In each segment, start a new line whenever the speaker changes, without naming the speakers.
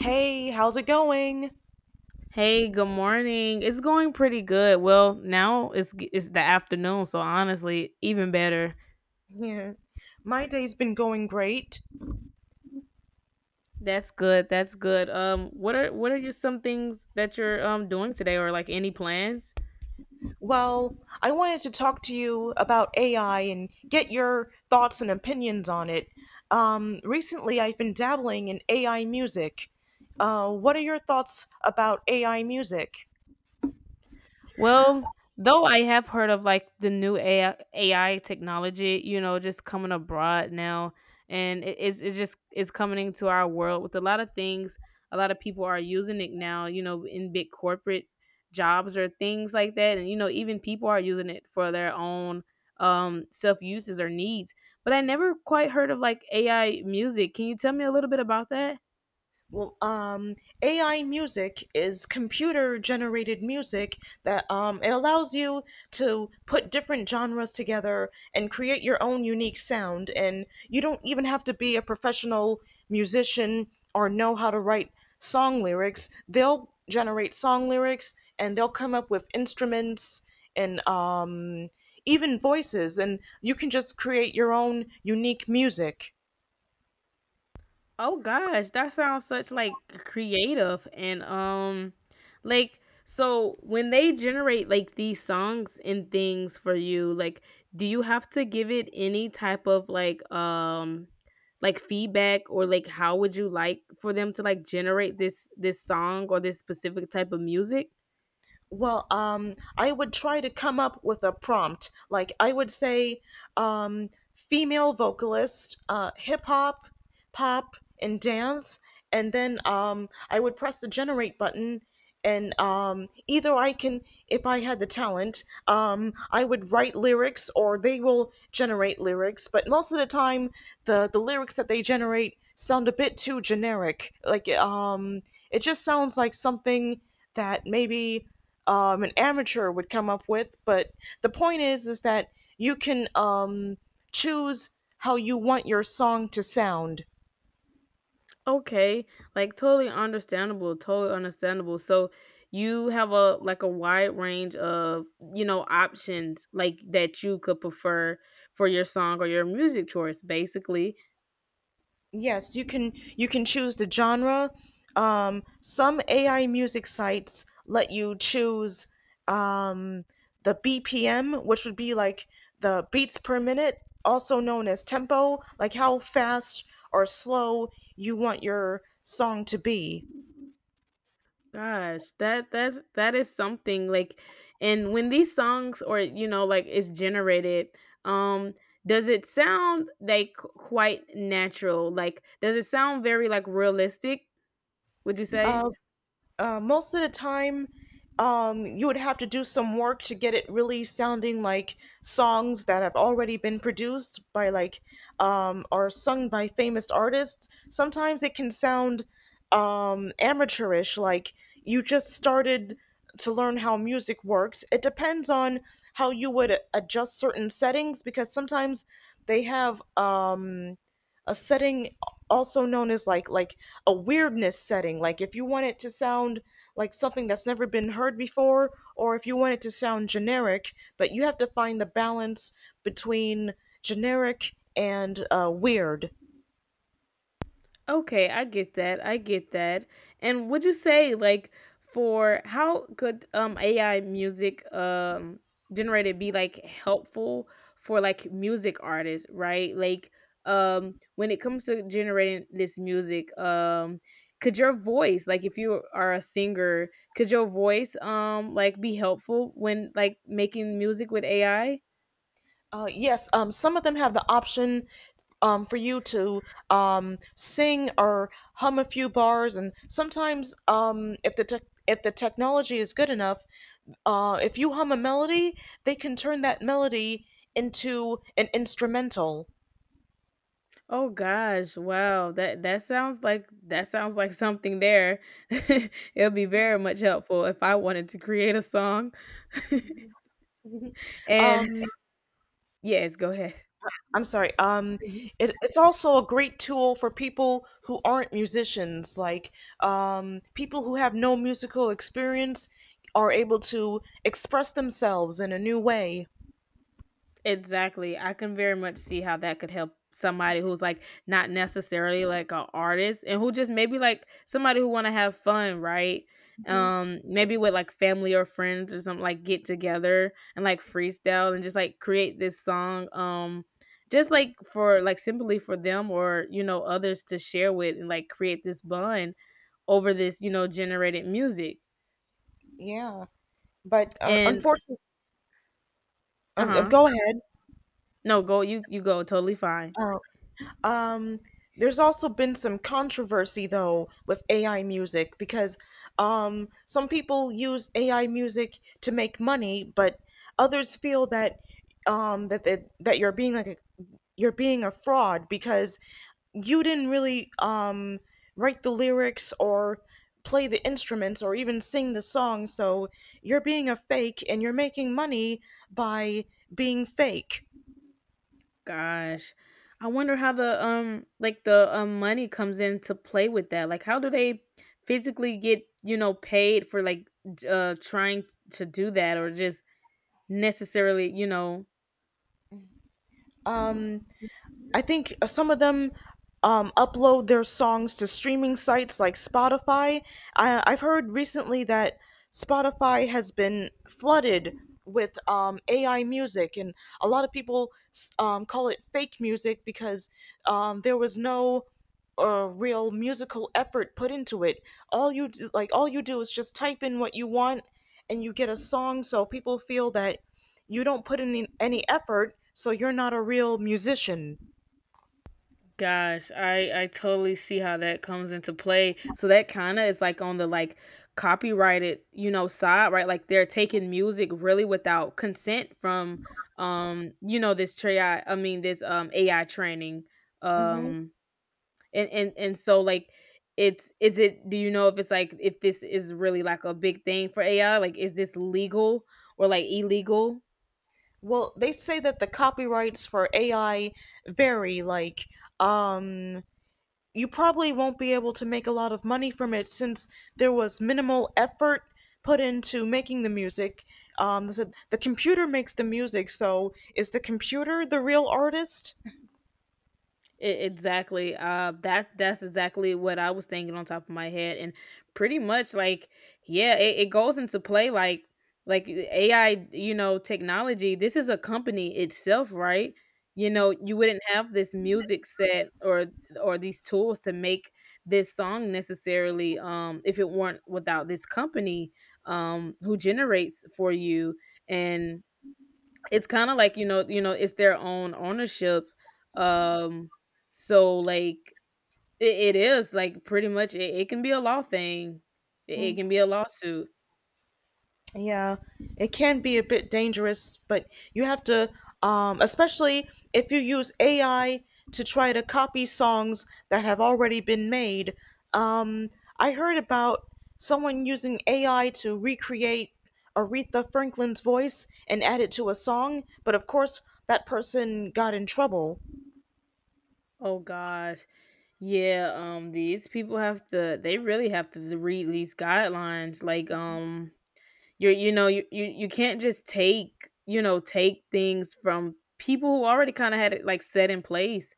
Hey, how's it going?
Hey, good morning. It's going pretty good. Well, now it's the afternoon, so honestly, even better.
Yeah, my day's been going great.
That's good. That's good. What are your some things that you're doing today, or like any plans?
Well, I wanted to talk to you about AI and get your thoughts and opinions on it. Recently, I've been dabbling in AI music. What are your thoughts about AI music?
Well, though I have heard of like the new AI technology, you know, just coming abroad now, and it, it's just it's coming into our world with a lot of things. A lot of people are using it now, you know, in big corporate jobs or things like that, and you know, even people are using it for their own self uses or needs. But I never quite heard of like AI music. Can you tell me a little bit about that?
well, um, AI music is computer generated music that it allows you to put different genres together and create your own unique sound. And you don't even have to be a professional musician or know how to write song lyrics. They'll generate song lyrics and they'll come up with instruments and even voices, and you can just create your own unique music.
Oh gosh, that sounds such like creative and like so when they generate like these songs and things for you, like do you have to give it any type of like feedback or like how would you like for them to like generate this song or this specific type of music?
Well, I would try to come up with a prompt. Like I would say, female vocalist, hip hop, pop, and dance, and then I would press the generate button, and either I can, if I had the talent, I would write lyrics, or they will generate lyrics. But most of the time, the lyrics that they generate sound a bit too generic. Like it just sounds like something that maybe an amateur would come up with. But the point is that you can choose how you want your song to sound.
Okay, like totally understandable, totally understandable. So you have a like a wide range of, you know, options like that you could prefer for your song or your music choice basically.
Yes, you can. You can choose the genre. Some AI music sites let you choose um, the BPM, which would be like the beats per minute, also known as tempo, like how fast or slow you want your song to be.
Gosh, that is something like and when these songs or you know like is generated, um does it sound like quite natural? Like does it sound very like realistic, would you say?
Uh, most of the time, you would have to do some work to get it really sounding like songs that have already been produced by like or sung by famous artists. Sometimes it can sound amateurish, like you just started to learn how music works. It depends on how you would adjust certain settings, because sometimes they have a setting also known as like a weirdness setting, like if you want it to sound like something that's never been heard before, or if you want it to sound generic, but you have to find the balance between generic and weird.
Okay, I get that. I get that. And would you say like for how could AI music generated be like helpful for like music artists, right? Like when it comes to generating this music, could your voice, like if you are a singer, could your voice like be helpful when like making music with AI?
Yes, some of them have the option for you to sing or hum a few bars, and sometimes if the tech if the technology is good enough, if you hum a melody, they can turn that melody into an instrumental.
Oh gosh, wow. That sounds like that sounds like something there. It'll be very much helpful if I wanted to create a song. And
Um,
yes, go ahead.
I'm sorry. Um, it, it's also a great tool for people who aren't musicians. Like people who have no musical experience are able to express themselves in a new way.
Exactly. I can very much see how that could help somebody who's like not necessarily like an artist and who just maybe like somebody who want to have fun, right? Maybe with like family or friends or something like get together and like freestyle and just like create this song just like for like simply for them or you know others to share with and like create this bond over this, you know, generated music.
Yeah, but
And
unfortunately,
uh-huh.
go ahead.
No, go you go totally fine.
Uh, Um, there's also been some controversy though with AI music because some people use AI music to make money, but others feel that that you're being like a fraud because you didn't really write the lyrics or play the instruments or even sing the song, so you're being a fake and you're making money by being fake.
Gosh. I wonder how the, like the, money comes in to play with that. Like, how do they physically get, you know, paid for like, to do that or just necessarily, you know,
Um, I think some of them upload their songs to streaming sites like Spotify. I've heard recently that Spotify has been flooded with AI music, and a lot of people call it fake music because there was no real musical effort put into it. All you do, like all you do is just type in what you want, and you get a song. So people feel that you don't put in any effort, so you're not a real musician.
gosh, I totally see how that comes into play. So that kind of is like on the like copyrighted, you know, side, right? Like they're taking music really without consent from, you know, this AI training.
Mhm.
Um, and so like it's is it do you know if it's like if this is really like a big thing for AI? Like is this legal or like illegal?
Well, they say that the copyrights for AI vary. Like, um, you probably won't be able to make a lot of money from it since there was minimal effort put into making the music. They said the computer makes the music, so is the computer the real artist?
Exactly. That's exactly what I was thinking on top of my head, and pretty much like yeah, it goes into play like AI, you know, technology. This is a company itself, right? You know, you wouldn't have this music set or these tools to make this song necessarily if it weren't without this company who generates for you and it's kind of like you know it's their own ownership um so like it is like pretty much it, it can be a law thing it, it can be a lawsuit
Yeah, it can be a bit dangerous, but you have to, especially if you use AI to try to copy songs that have already been made. Um, I heard about someone using AI to recreate Aretha Franklin's voice and add it to a song, but of course, that person got in trouble.
oh gosh yeah these people have to they really have to read these guidelines like you you know you, you you can't just take you know take things from people who already kind of had it like set in place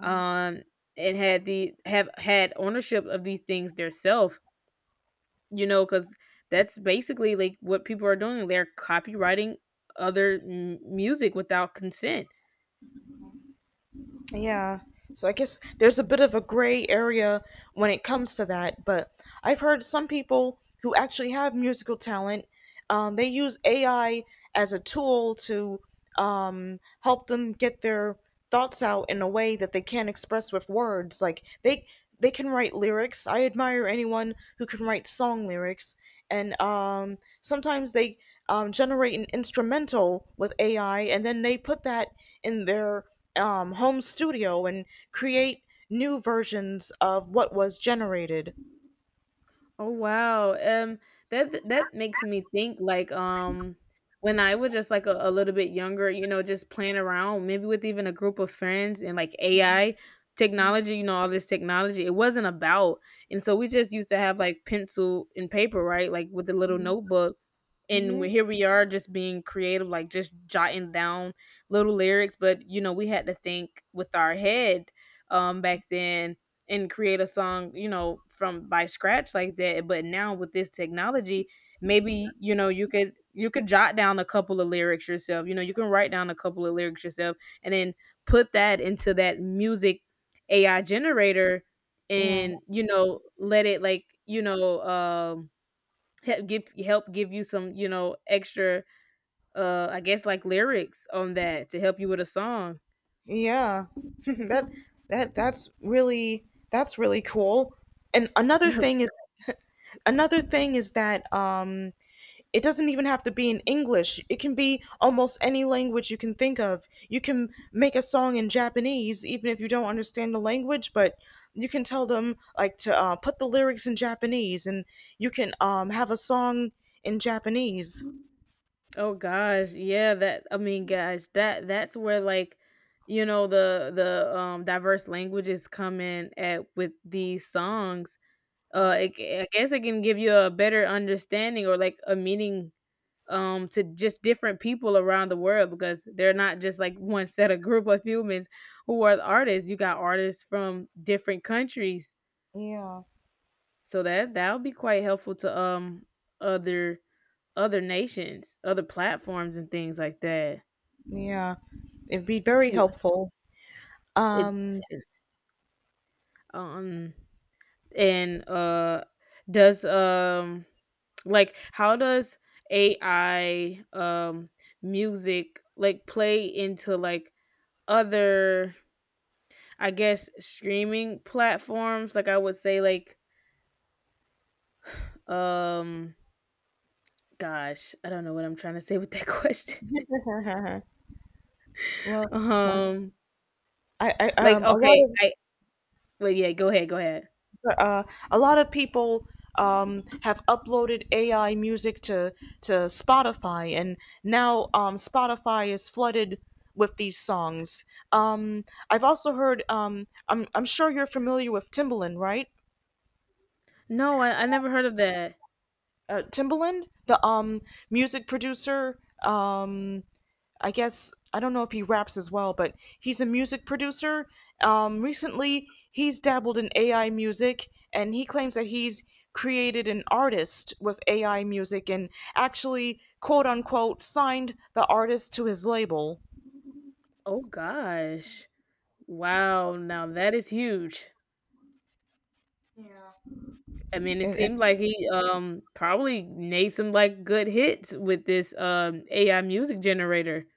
um and had the have had ownership of these things theirself you know, because that's basically like what people are doing. They're copywriting music without consent.
Yeah. So I guess there's a bit of a gray area when it comes to that, but I've heard some people who actually have musical talent. They use AI as a tool to help them get their thoughts out in a way that they can't express with words. Like they can write lyrics. I admire anyone who can write song lyrics, and sometimes they generate an instrumental with AI, and then they put that in their home studio and create new versions of what was generated.
Oh wow. That makes me think like when I was just like a little bit younger, you know, just playing around, maybe with even a group of friends and like AI technology, you know, all this technology, it wasn't about. And so we just used to have like pencil and paper, right? Like with a little notebook. And we-
Hmm,
here we are just being creative, like just jotting down little lyrics. But, you know, we had to think with our head back then and create a song, you know, from by scratch like that. But now with this technology, maybe, you know, you could jot down a couple of lyrics yourself. You know, you can write down a couple of lyrics yourself and then put that into that music AI generator
yeah,
and, you know, let it like, you know, help give you some, you know, extra I guess like lyrics on that to help you with a song.
yeah, that that that's really that's really cool. And another thing is that it doesn't even have to be in English. It can be almost any language you can think of. You can make a song in Japanese, even if you don't understand the language, but you can tell them like to put the lyrics in Japanese, and you can have a song in Japanese.
Oh gosh, yeah, that I mean guys, that that's where like you know the diverse languages come in at with these songs. It, I guess it can give you a better understanding or like a meaning to just different people around the world because they're not just like one set of group of humans who are the artists. You got artists from different countries.
Yeah,
So that would be quite helpful to other other nations, other platforms and things like that
yeah, it'd be very helpful.
It
Um,
it um and does like how does AI music like play into like other I guess streaming platforms like I would say like um gosh, I don't know what I'm trying to say with that question.
well,
Um
I
like okay, I wait yeah, go ahead, go ahead.
uh, a lot of people have uploaded AI music to Spotify, and now Spotify is flooded with these songs. Um, I've also heard. I'm sure you're familiar with Timbaland, right?
No, I never heard of that.
Timbaland, the music producer. Um, I guess I don't know if he raps as well, but he's a music producer. Recently, he's dabbled in AI music, and he claims that he's created an artist with AI music and actually, quote unquote, signed the artist to his label.
Oh gosh. Wow, now that is huge. I mean, it
I-
seemed like he probably made some like good hits with this AI music generator.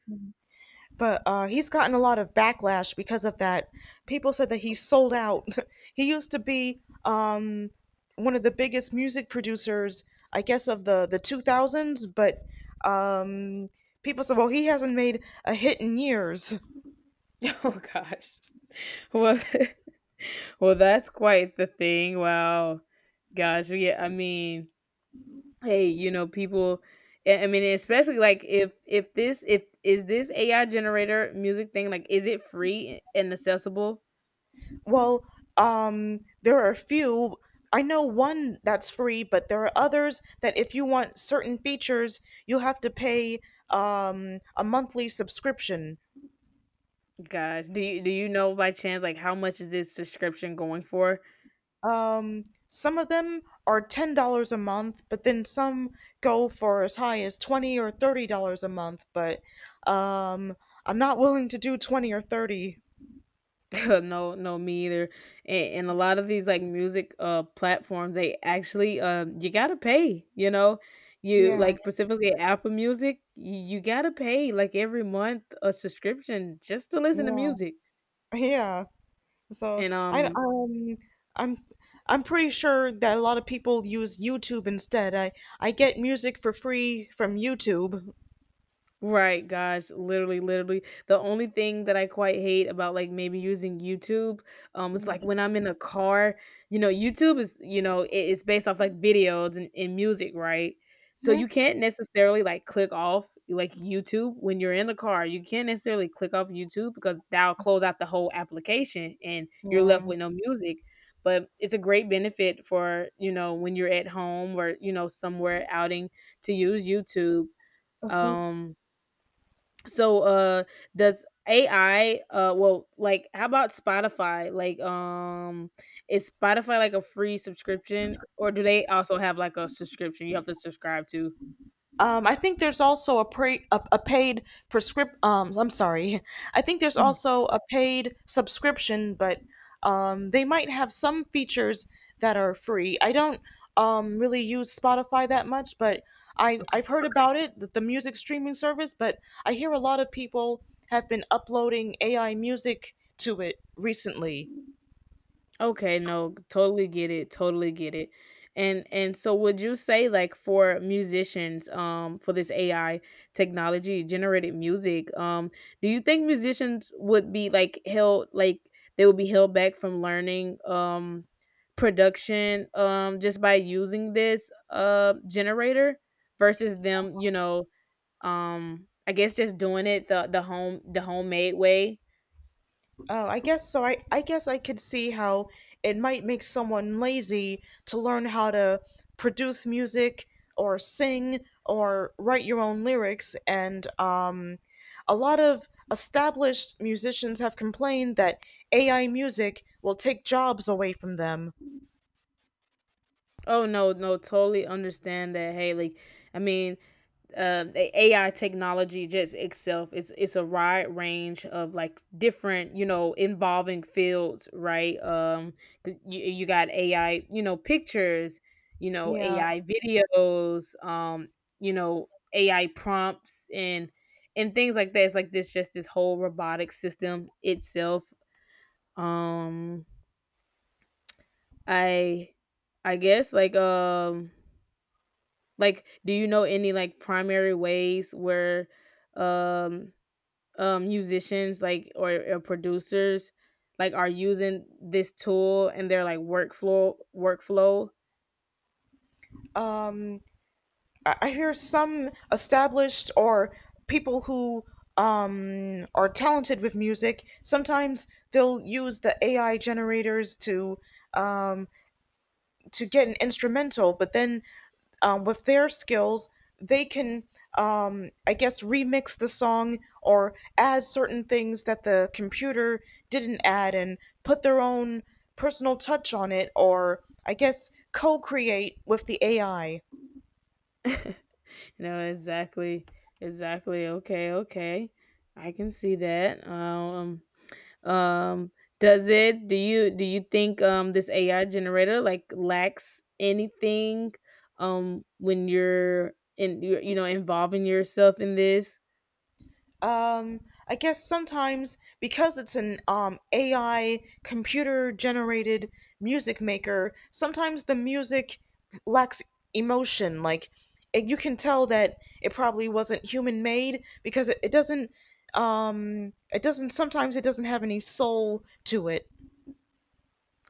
but he's gotten a lot of backlash because of that. People said that he sold out. He used to be um, one of the biggest music producers, I guess, of the 2000s. But um, people said, well, he hasn't made a hit in years.
Oh gosh. Well, well, that's quite the thing. Wow, gosh, yeah. I mean, hey, you know, people. I mean, especially like if this if is this AI generator music thing like is it free and accessible?
Well, there are a few. I know one that's free, but there are others that if you want certain features, you'll have to pay a monthly subscription.
Gosh, do you know by chance like how much is this subscription going for?
Some of them are $10 a month, but then some go for as high as $20 or $30 a month. But um, I'm not willing to do 20 or 30.
No, no, me either. And a lot of these like music platforms, they actually you gotta pay. You know, you
Yeah,
like specifically Apple Music, you gotta pay like every month a subscription just to listen to
yeah,
music.
yeah. So
And
I'm I'm pretty sure that a lot of people use YouTube instead. I get music for free from YouTube.
right, guys. Literally, literally. The only thing that I quite hate about like maybe using YouTube, it's like when I'm in a car, you know, YouTube is, you know, it, it's based off like videos and music, right? So
Mhm.
you can't necessarily like click off like YouTube when you're in the car. You can't necessarily click off YouTube because that'll close out the whole application and you're left
Yeah.
with no music. But it's a great benefit for, you know, when you're at home or, you know, somewhere outing to use YouTube. Um so does AI well like how about Spotify? Like is Spotify like a free subscription or do they also have like a subscription you have to subscribe to?
I think there's also a paid prescrip I'm sorry. I think there's
Mm,
also a paid subscription, but they might have some features that are free. I don't really use Spotify that much, but
okay.
I've heard about it, the music streaming service, but I hear a lot of people have been uploading AI music to it recently.
Okay, no, totally get it, totally get it. And so would you say like for musicians for this AI technology generated music do you think musicians would be like held like they would be held back from learning production just by using this generator versus them, you know, I guess just doing it the homemade way?
Oh, I guess so. I guess I could see how it might make someone lazy to learn how to produce music or sing or write your own lyrics. And a lot of established musicians have complained that AI music will take jobs away from them.
Oh no, no, totally understand that. Hey, like, I mean, the AI technology just itself, it's a wide range of like different, you know, involving fields, right? 'Cause you, you got AI, you know, pictures, you know,
Yeah.
AI videos, you know, AI prompts and things like that. It's like this, just this whole robotic system itself. Um, I, I guess like like, do you know any like primary ways where um musicians like or producers like are using this tool in their like workflow?
I hear some established or people who are talented with music. Sometimes they'll use the AI generators um, to get an instrumental, but then with their skills, they can, I guess, remix the song or add certain things that the computer didn't add and put their own personal touch on it, or I guess co create with the AI.
No, exactly. Exactly. Okay, okay. I can see that. Um does it do you think this AI generator like lacks anything when you're in you you know involving yourself in this
Um, I guess sometimes because it's an AI computer generated music maker, sometimes the music lacks emotion. Like it, you can tell that it probably wasn't human made because it doesn't. It doesn't. Sometimes it doesn't have any soul to it.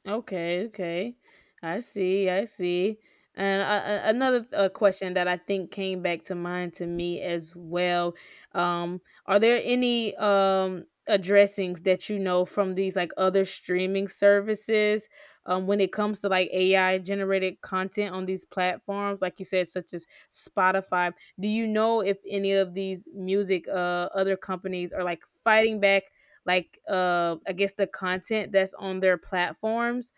okay, okay. I see, I see. And another question that I think came back to mind to me as well. Are there any addressings that you know from these like other streaming services when it comes to like AI generated content on these platforms like you said such as Spotify? Do you know if any of these music other companies are like fighting back, like I guess the content that's on their platforms?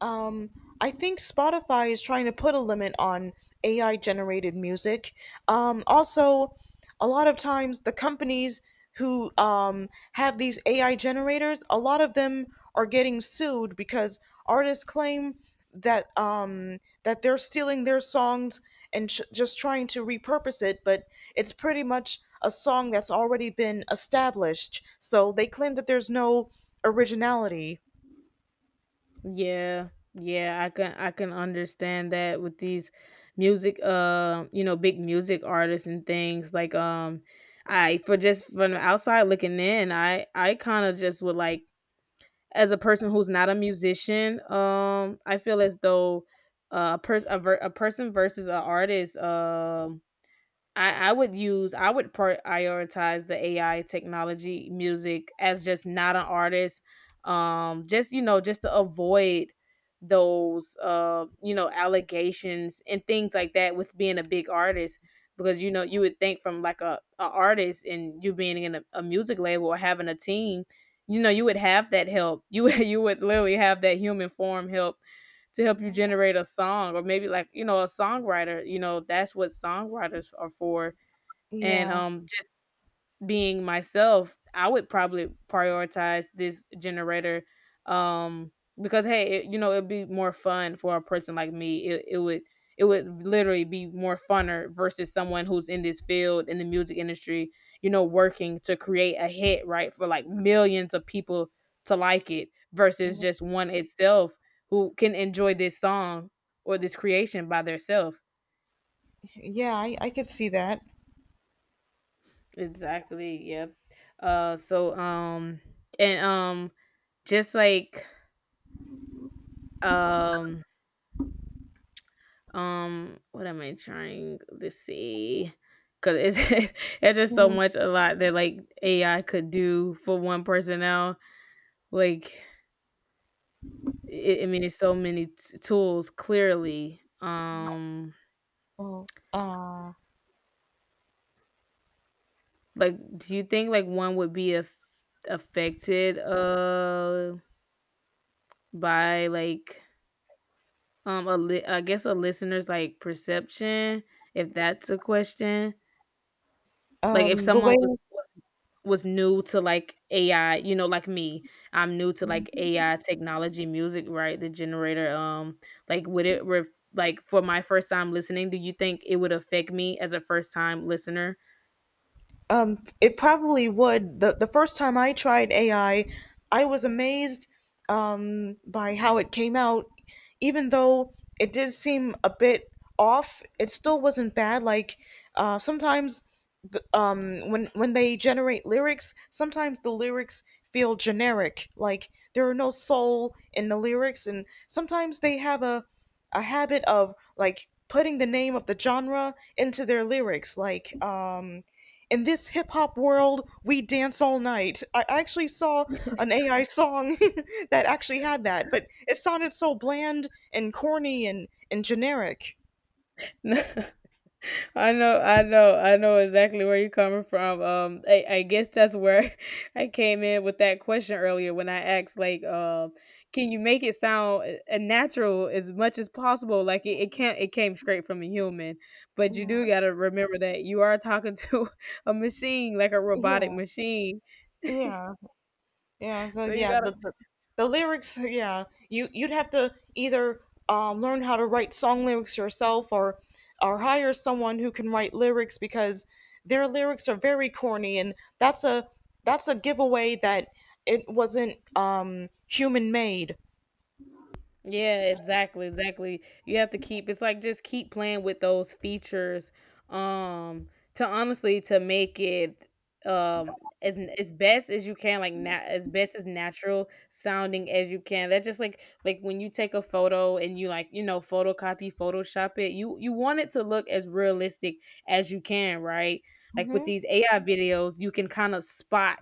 um I think Spotify is trying to put a limit on AI generated music. Also, a lot of times, the companies who have these AI generators, a lot of them are getting sued because artists claim that they're stealing their songs and just trying to repurpose it, but it's pretty much a song that's already been established, so they claim that there's no originality.
Yeah. Yeah, I can understand that with these music you know big music artists and things like I for just from the outside looking in, I kind of just would like as a person who's not a musician, I feel as though a person a person versus an artist. I would prioritize the AI technology music as just not an artist. Just you know, just to avoid those you know allegations and things like that with being a big artist, because you know you would think from like a artist and you being in a music label or having a team, you know you would have that help. You would literally have that human form help to help you generate a song, or maybe like you know a songwriter, you know that's what songwriters are for. And
Yeah.
just being myself, I would probably prioritize this generator, um because hey, it, you know, it'd be more fun for a person like me. It would, it would literally be more funner versus someone who's in this field in the music industry, you know, working to create a hit, right? For like millions of people to like it versus just one itself who can enjoy this song or this creation by themselves.
Yeah, I could see that.
Exactly. Yep. So and just like um what am I trying to say? Cause it's it's just so
Mhm.
much a lot that like AI could do for one person now. Like it, I mean, it's so many tools. Clearly,
Yeah. Oh,
like do you think like one would be affected by like I guess a listener's, like, perception, if that's a question. Like, if
the
someone
way
was new to, like, AI, you know, like me, I'm new to, like, AI technology music, right, the generator, like, would it ref like, for my first time listening, do you think it would affect me as a first time listener?
It probably would. The first time I tried AI, I was amazed by how it came out. Even though it did seem a bit off, it still wasn't bad. Like sometimes, when they generate lyrics, sometimes the lyrics feel generic. Like there are no soul in the lyrics, and sometimes they have a habit of like putting the name of the genre into their lyrics. Like in this hip hop world, we dance all night. I actually saw an AI song that actually had that, but it sounded so bland and corny and generic.
I know exactly where you're coming from. I guess that's where I came in with that question earlier when I asked, like, can you make it sound a natural as much as possible? Like it can't, it came straight from a human, but you
Yeah.
do gotta remember that you are talking to a machine, like a robotic
Yeah.
machine.
Yeah. Yeah, so
so you
yeah,
gotta
the lyrics, yeah, you you'd have to either learn how to write song lyrics yourself or hire someone who can write lyrics because their lyrics are very corny and that's a giveaway that it wasn't human made.
Yeah, exactly, exactly. You have to keep it's like just keep playing with those features um to honestly to make it um as best as you can, like as best as natural sounding as you can. That's just like when you take a photo and you like, you know, photocopy, photoshop it, you want it to look as realistic as you can, right? Like with
Hmm
these AI videos, you can kind of spot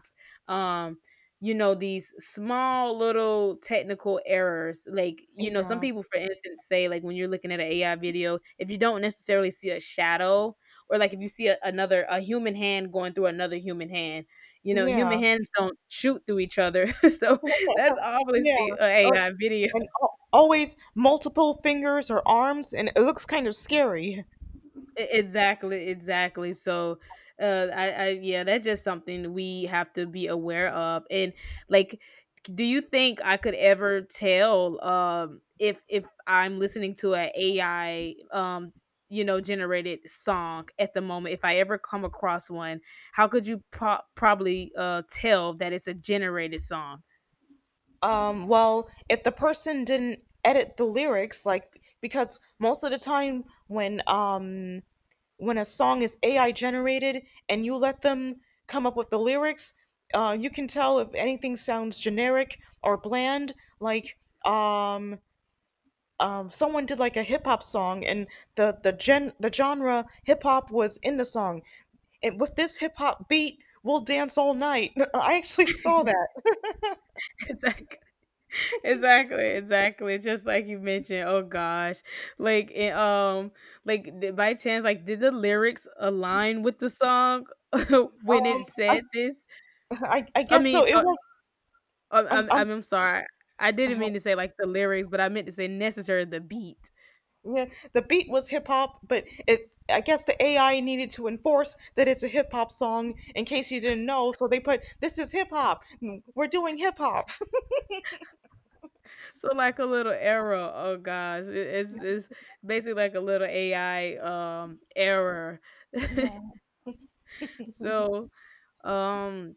um you know these small little technical errors, like you know some
Yeah.
people for instance say like when you're looking at an AI video, if you don't necessarily see a shadow, or like if you see a, another a human hand going through another human hand, you know
Yeah.
human hands don't shoot through each other. So that's
Yeah.
obviously an
Or,
AI video.
and always multiple fingers or arms, and it looks kind of scary.
Exactly, exactly. So, yeah, that's just something we have to be aware of. And like, do you think I could ever tell, if I'm listening to a AI, you know, generated song at the moment, if I ever come across one, how could you probably tell that it's a generated song?
Well, if the person didn't edit the lyrics, like because most of the time, when a song is AI generated and you let them come up with the lyrics, you can tell if anything sounds generic or bland. Like um someone did like a hip hop song, and the genre hip hop was in the song. And with this hip hop beat, we'll dance all night. I actually saw that.
Exactly. Exactly, exactly. Just like you mentioned, oh gosh, like it, like by chance, like did the lyrics align with the song when
Um,
it said this?
I
I
guess so.
mean,
It was
I'm,
I'm,
I'm sorry, I didn't
uh,
mean to say like the lyrics, but I meant to say necessary the beat.
yeah, the beat was hip hop, but it, I guess the AI needed to enforce that it's a hip hop song in case you didn't know. So they put, this is hip hop. We're doing hip hop.
So like a little error. Oh gosh, it's basically like a little AI error. so um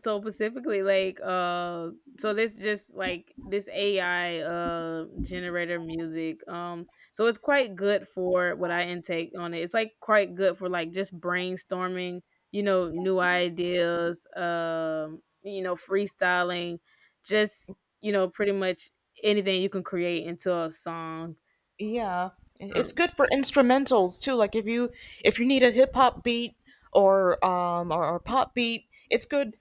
So specifically, like, so this just like this AI generator music. So it's quite good for what I intake on it. It's like quite good for like just brainstorming, you know, new ideas. You know, freestyling, just you know, pretty much anything you can create into a song.
Yeah, it's good for instrumentals too. Like if you need a hip hop beat or pop beat, it's good.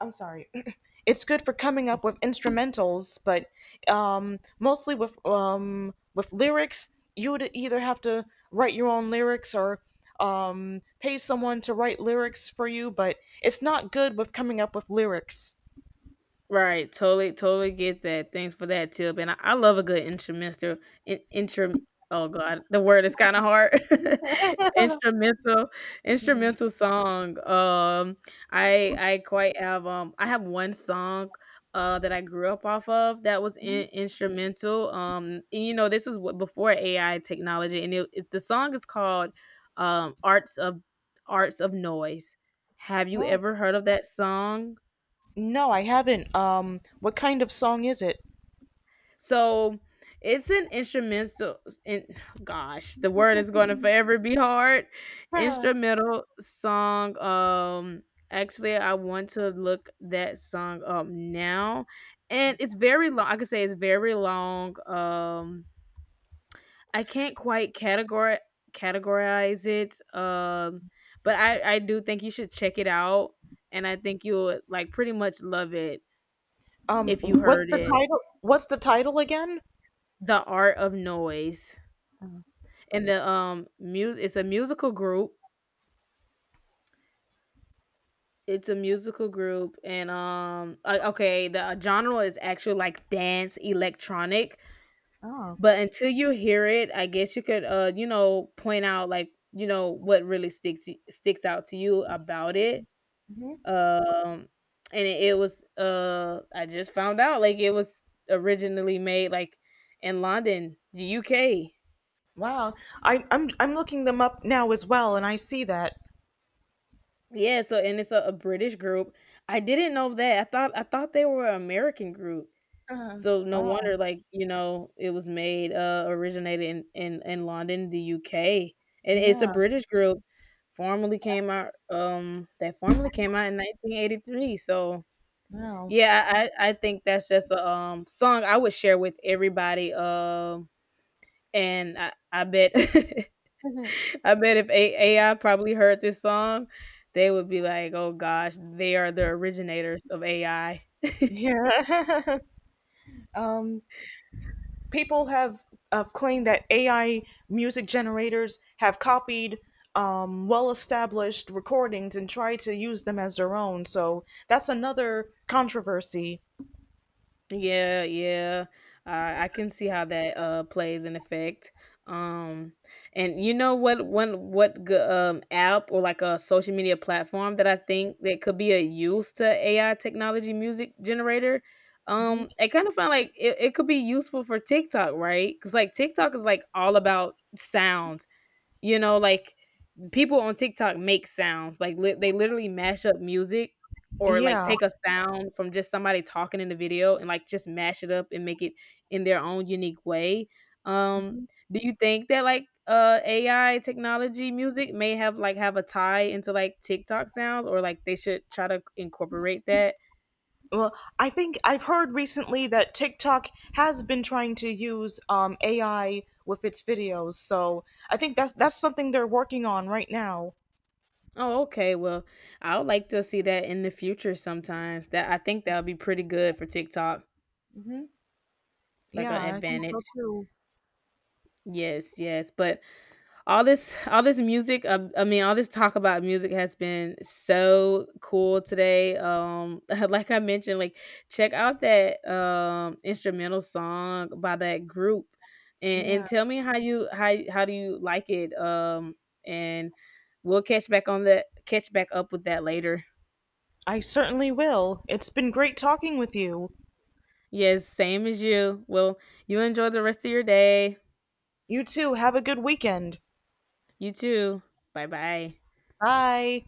I'm sorry. It's good for coming up with instrumentals, but mostly with lyrics, you would either have to write your own lyrics or pay someone to write lyrics for you, but it's not good with coming up with lyrics.
Right, totally, totally get that. Thanks for that tip, and I love a good instrumental. In, intro, oh god, the word is kind of hard. instrumental, instrumental song. I have one song that I grew up off of that was instrumental. And, you know this is what before AI technology, and it the song is called um Arts of Arts of Noise. Have you
Oh.
ever heard of that song?
No, I haven't. What kind of song is it?
So it's an instrumental. In, gosh, the word is going to forever be hard. Instrumental song. Actually, I want to look that song up now, and it's very long. I could say it's very long. I can't quite categorize it. But I do think you should check it out, and I think you would like pretty much love it if you
What's
heard
the
it.
title? What's the title again?
The Art of Noise. And the music, it's a musical group, it's a musical group and okay, the genre is actually like dance electronic,
Oh.
but until you hear it I guess you could you know point out like you know what really sticks out to you about it. um and it was I just found out like it was originally made like in London, the UK.
Wow, I'm looking them up now as well, and I see that.
Yeah, so and it's a British group. I didn't know that. I thought they were an American group.
Uh,
So no
wow.
wonder like, you know, it was made originated in in London, the UK. And it's a
Yeah.
British group, formerly came out in 1983. So
Wow.
yeah, I think that's just a song I would share with everybody, and I bet I bet if A AI probably heard this song, they would be like, "Oh gosh, they are the originators of AI."
Yeah. um, People have claimed that AI music generators have copied well-established recordings and tried to use them as their own. So that's another controversy.
Yeah, yeah. I can see how that plays an effect. Um, and you know what? One what app or like a social media platform that I think that could be a use to AI technology music generator.
Mhm.
I kind of find like it could be useful for TikTok, right? Because like TikTok is like all about sound. You know, like people on TikTok make sounds, like they literally mash up music or like
Yeah.
take a sound from just somebody talking in the video and like just mash it up and make it in their own unique way. Um, do you think that like AI technology music may have like have a tie into like TikTok sounds, or like they should try to incorporate that?
Well, I think I've heard recently that TikTok has been trying to use AI with its videos, so I think that's something they're working on right now.
Oh, okay. Well, I would like to see that in the future sometimes. That I think that would be pretty good for TikTok,
Hmm,
like
yeah,
an
I think
advantage.
so too.
Yes, yes, but all this music, I mean, all this talk about music has been so cool today. Like I mentioned, like check out that instrumental song by that group, and
Yeah,
tell me how do you like it, and we'll catch back up with that later.
I certainly will. It's been great talking with you.
Yes, same as you. Well, you enjoy the rest of your day.
You too. Have a good weekend.
You too. Bye-bye.
Bye.